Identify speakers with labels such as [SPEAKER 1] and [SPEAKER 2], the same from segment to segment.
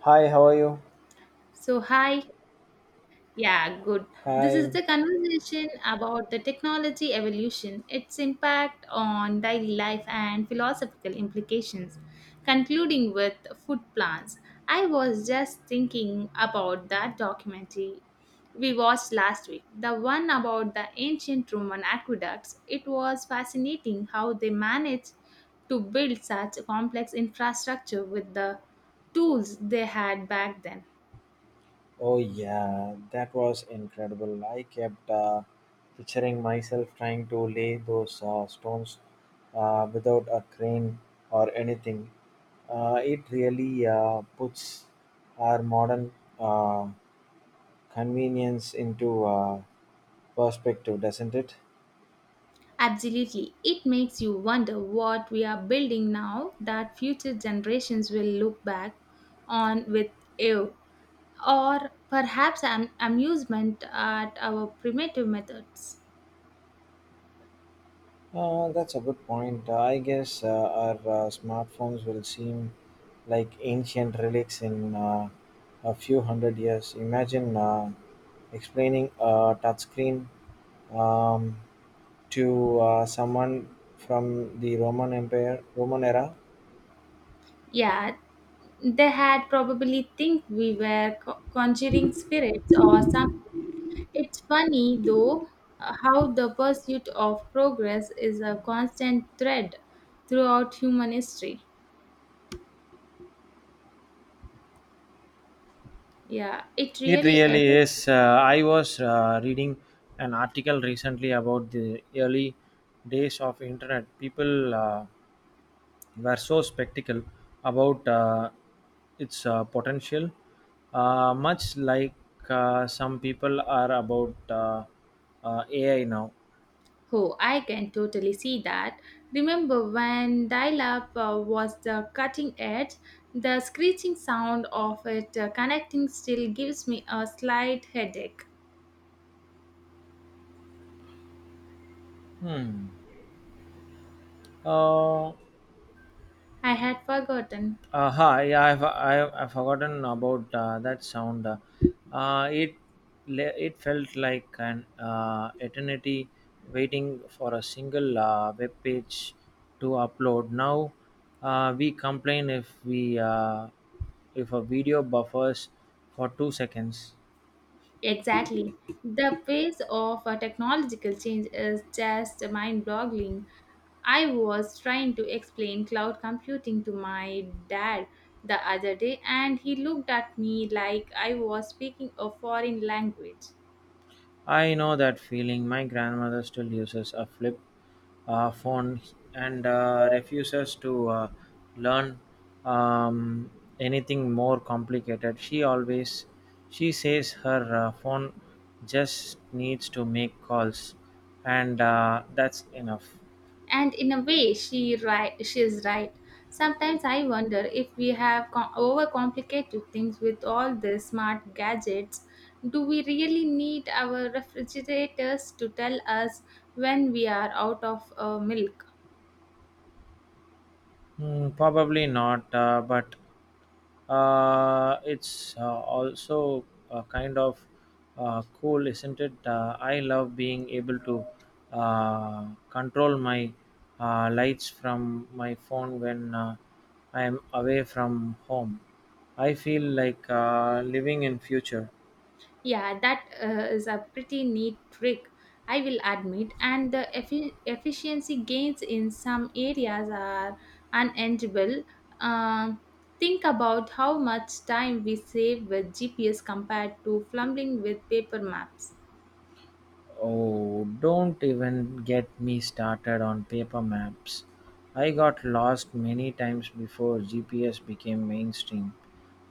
[SPEAKER 1] Hi, how are you?
[SPEAKER 2] So, hi. Yeah, good. This is
[SPEAKER 1] Hi.
[SPEAKER 2] the conversation about the technology evolution, its impact on daily life, and philosophical implications, concluding with food plants. I was just thinking about that documentary we watched last week, the one about the ancient Roman aqueducts. It was fascinating how they managed to build such complex infrastructure with the tools they had back then.
[SPEAKER 1] Oh, yeah, that was incredible. I kept picturing myself trying to lay those stones without a crane or anything. It really puts our modern uh, convenience into perspective, doesn't it?
[SPEAKER 2] Absolutely. It makes you wonder what we are building now that future generations will look back on with awe or perhaps amusement at our primitive methods.
[SPEAKER 1] That's a good point. I guess our smartphones will seem like ancient relics in a few hundred years. Imagine explaining a touchscreen um, to someone from the Roman Empire, Roman era.
[SPEAKER 2] Yeah, they had probably think we were conjuring spirits or something. It's funny though how the pursuit of progress is a constant thread throughout human history. Yeah, it
[SPEAKER 1] It
[SPEAKER 2] really is.
[SPEAKER 1] really is. I was reading an article recently about the early days of internet. People were so skeptical about its potential, much like some people are about AI now.
[SPEAKER 2] Oh, I can totally see that. Remember when dial up was the cutting edge? The screeching sound of it connecting still gives me a slight headache.
[SPEAKER 1] Hmm. Uh,
[SPEAKER 2] I had forgotten.
[SPEAKER 1] hi, yeah, I've forgotten about that sound. Uh, it it felt like an eternity waiting for a single web page to upload. Now we complain if a video buffers for 2 seconds.
[SPEAKER 2] Exactly. The pace of technological change is just mind boggling. I was trying to explain cloud computing to my dad the other day, and he looked at me like I was speaking a foreign language.
[SPEAKER 1] I know that feeling. My grandmother still uses a flip phone and refuses to learn um, anything more complicated. She says her phone just needs to make calls, and that's enough.
[SPEAKER 2] And in a way she is right. Sometimes I wonder if we have overcomplicated things with all the smart gadgets. Do we really need our refrigerators to tell us when we are out of milk?
[SPEAKER 1] Hmm, probably not, but it's also kind of cool, isn't it? I love being able to control my lights from my phone when I am away from home. I feel like living in future.
[SPEAKER 2] Yeah, that is a pretty neat trick, I will admit. And the efficiency gains in some areas are unenviable. Um, think about how much time we save with GPS compared to fumbling with paper maps.
[SPEAKER 1] Oh, don't even get me started on paper maps. I got lost many times before GPS became mainstream.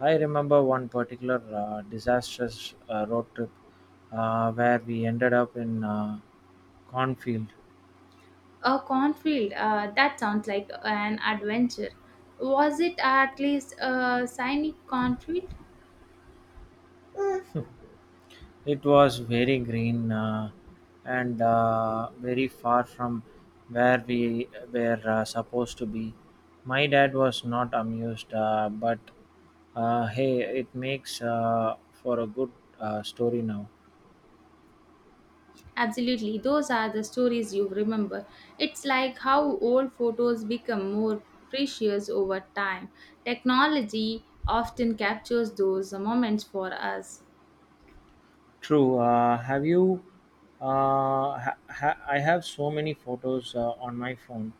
[SPEAKER 1] I remember one particular disastrous road trip where we ended up in a cornfield.
[SPEAKER 2] A cornfield, that sounds like an adventure. Was it at least a scenic cornfield?
[SPEAKER 1] It was very green and very far from where we were supposed to be. My dad was not amused, but hey, it makes for a good story now.
[SPEAKER 2] Absolutely, those are the stories you remember. It's like how old photos become more precious over time. Technology often captures those moments for us.
[SPEAKER 1] True. Have you? I have so many photos on my phone.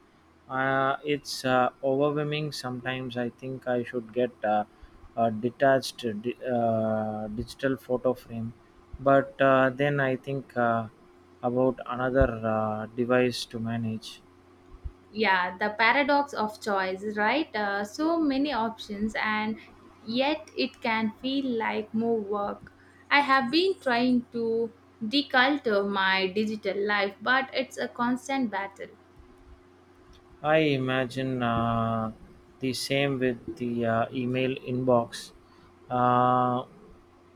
[SPEAKER 1] It's overwhelming sometimes. I think I should get a detached digital photo frame, but then I think about another device to manage.
[SPEAKER 2] Yeah, the paradox of choice, right? So many options, and yet it can feel like more work. I have been trying to declutter my digital life, but it's a constant battle.
[SPEAKER 1] I imagine the same with the email inbox. Uh,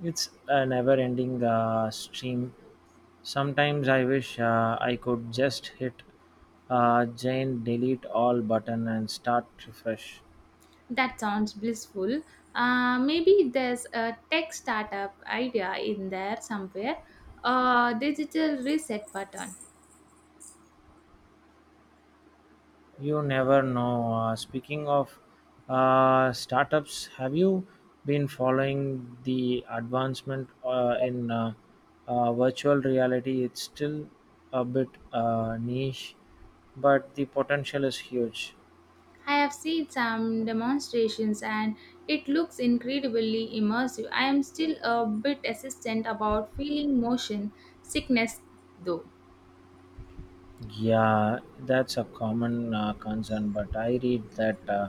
[SPEAKER 1] it's a never ending stream. Sometimes I wish I could just hit Jane delete all button and start refresh.
[SPEAKER 2] That sounds blissful. Maybe there's a tech startup idea in there somewhere, a digital reset button.
[SPEAKER 1] You never know. Speaking of startups, have you been following the advancement in virtual reality? It's still a bit niche, but the potential is huge.
[SPEAKER 2] I have seen some demonstrations and it looks incredibly immersive. I am still a bit hesitant about feeling motion sickness though.
[SPEAKER 1] Yeah, that's a common concern. But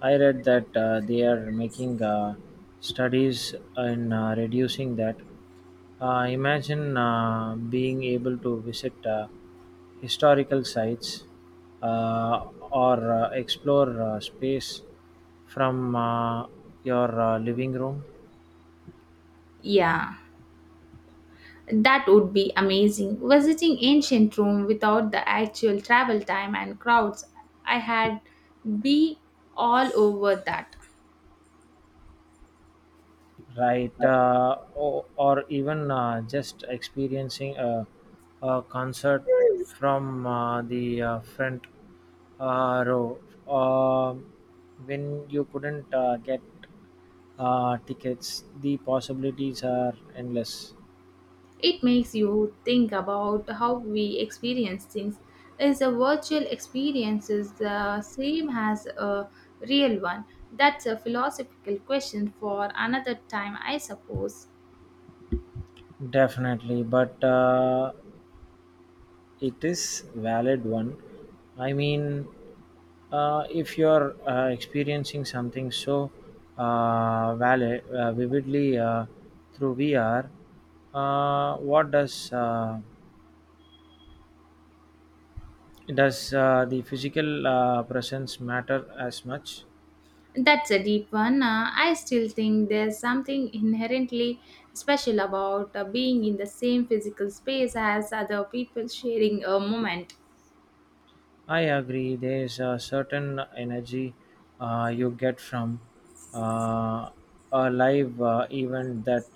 [SPEAKER 1] I read that they are making studies in reducing that. Imagine being able to visit historical sites uh, or explore space from your living room.
[SPEAKER 2] Yeah, that would be amazing. Visiting ancient Rome without the actual travel time and crowds, I had be all over that.
[SPEAKER 1] Right, or even just experiencing a concert from the front row Um when you couldn't get tickets. The possibilities are endless.
[SPEAKER 2] It makes you think about how we experience things. Is a virtual experience is the same as a real one? That's a philosophical question for another time, I suppose.
[SPEAKER 1] Definitely, but it is valid one, I mean. If you're experiencing something so valid, vividly through VR, what does the physical presence matter as much?
[SPEAKER 2] That's a deep one. I still think there's something inherently special about being in the same physical space as other people sharing a moment.
[SPEAKER 1] I agree. There's a certain energy you get from uh, a live event that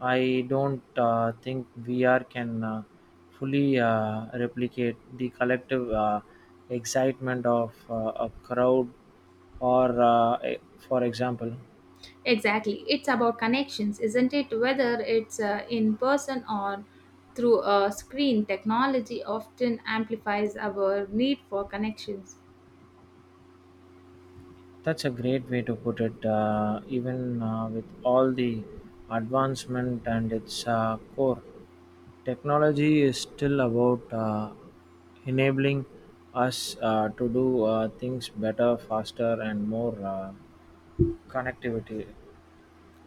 [SPEAKER 1] I don't think VR can fully replicate the collective excitement of a crowd, or, for example.
[SPEAKER 2] Exactly. It's about connections, isn't it? Whether it's in person or through a screen, technology often amplifies our need for connections.
[SPEAKER 1] That's a great way to put it. Even with all the advancement and its core, technology is still about enabling us to do things better, faster, and more connectivity.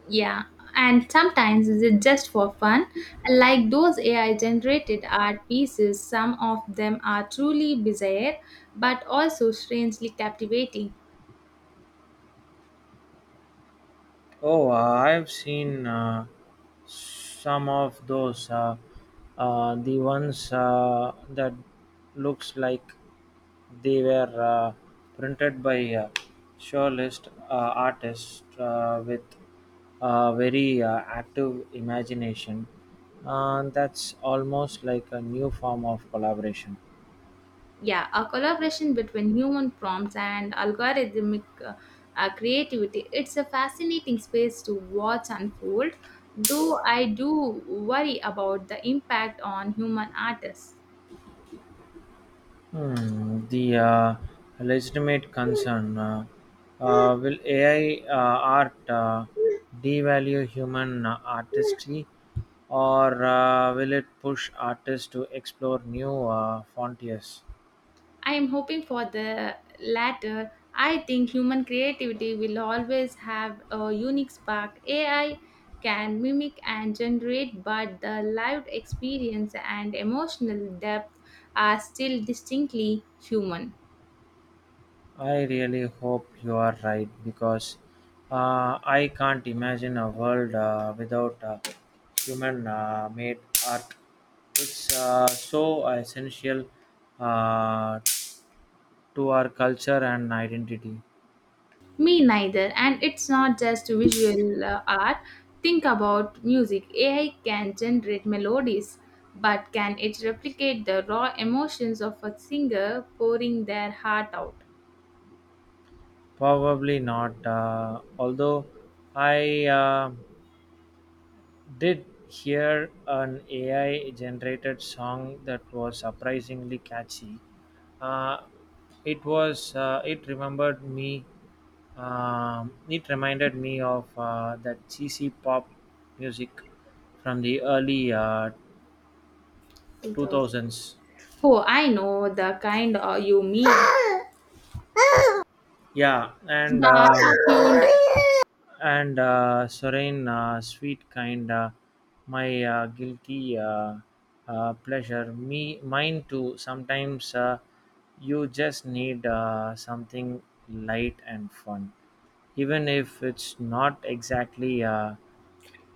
[SPEAKER 2] Yeah. And sometimes it's just for fun. Like those AI generated art pieces, some of them are truly bizarre but also strangely captivating.
[SPEAKER 1] Oh, I've seen some of those. The ones that looks like they were printed by surrealist artists with a very active imagination. That's almost like a new form of collaboration.
[SPEAKER 2] Yeah, a collaboration between human prompts and algorithmic creativity. It's a fascinating space to watch unfold, though I do worry about the impact on human artists.
[SPEAKER 1] Hmm, the legitimate concern, will AI art devalue human artistry or will it push artists to explore new frontiers?
[SPEAKER 2] I am hoping for the latter. I think human creativity will always have a unique spark. AI can mimic and generate, but the lived experience and emotional depth are still distinctly human.
[SPEAKER 1] I really hope you are right because I can't imagine a world without human made art. It's so essential uh, to our culture and identity.
[SPEAKER 2] Me neither. And it's not just visual art. Think about music. AI can generate melodies, but can it replicate the raw emotions of a singer pouring their heart out?
[SPEAKER 1] Probably not. Although I did hear an AI generated song that was surprisingly catchy. Uh, it remembered me. It reminded me of that cheesy pop music from the early
[SPEAKER 2] 2000.
[SPEAKER 1] 2000s.
[SPEAKER 2] Oh, I know the kind you mean.
[SPEAKER 1] Yeah,
[SPEAKER 2] The
[SPEAKER 1] and um,
[SPEAKER 2] auto-tuned.
[SPEAKER 1] and uh, serene, sweet, kind, my guilty pleasure, mine too. Sometimes you just need something light and fun, even if it's not exactly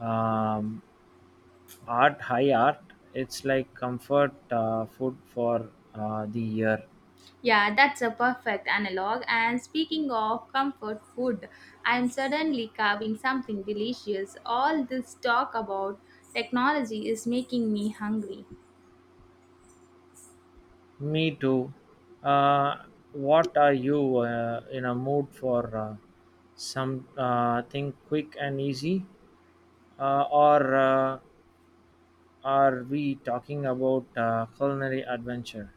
[SPEAKER 1] um, high art. It's like comfort food for the year.
[SPEAKER 2] Yeah, that's a perfect analog. And speaking of comfort food, I'm suddenly carving something delicious. All this talk about technology is making me hungry.
[SPEAKER 1] Me too. Uh, what are you in a mood for? Some thing quick and easy, or are we talking about culinary adventure?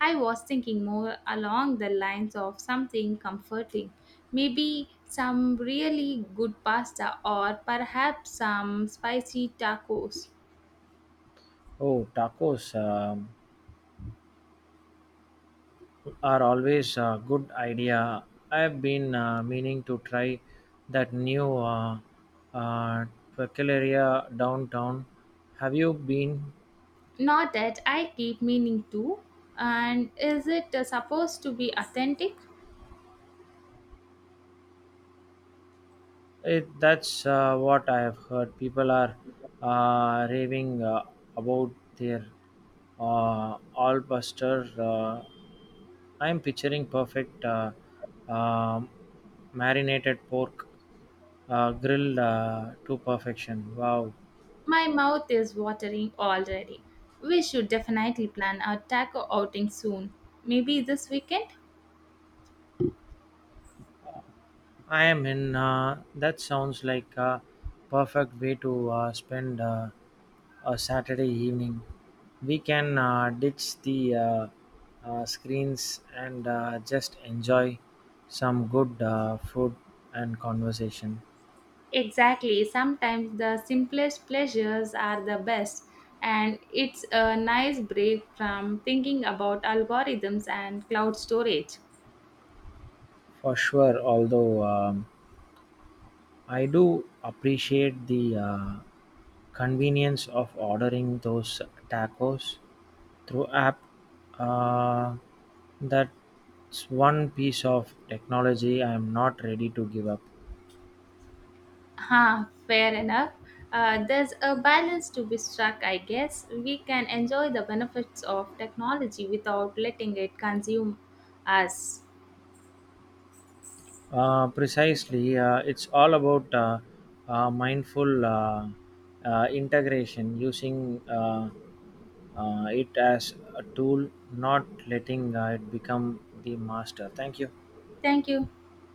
[SPEAKER 2] I was thinking more along the lines of something comforting, maybe some really good pasta or perhaps some spicy tacos.
[SPEAKER 1] Oh, tacos are always a good idea. I've been meaning to try that new uh, Taqueria downtown. Have you been?
[SPEAKER 2] Not that I keep meaning to. And is it supposed to be authentic?
[SPEAKER 1] That's what I have heard. People are raving about their all buster. I'm picturing perfect um marinated pork grilled to perfection. Wow.
[SPEAKER 2] My mouth is watering already. We should definitely plan a taco outing soon. Maybe this weekend?
[SPEAKER 1] I am in. That sounds like a perfect way to spend a Saturday evening. We can ditch the screens and just enjoy some good food and conversation.
[SPEAKER 2] Exactly. Sometimes the simplest pleasures are the best, and it's a nice break from thinking about algorithms and cloud storage.
[SPEAKER 1] For sure, although I do appreciate the convenience of ordering those tacos through app. uh, that's one piece of technology I'm not ready to give up.
[SPEAKER 2] Ha, fair enough. There's a balance to be struck, I guess. We can enjoy the benefits of technology without letting it consume us.
[SPEAKER 1] Precisely, it's all about mindful integration, using it as a tool, not letting it become the master. Thank you.
[SPEAKER 2] Thank you.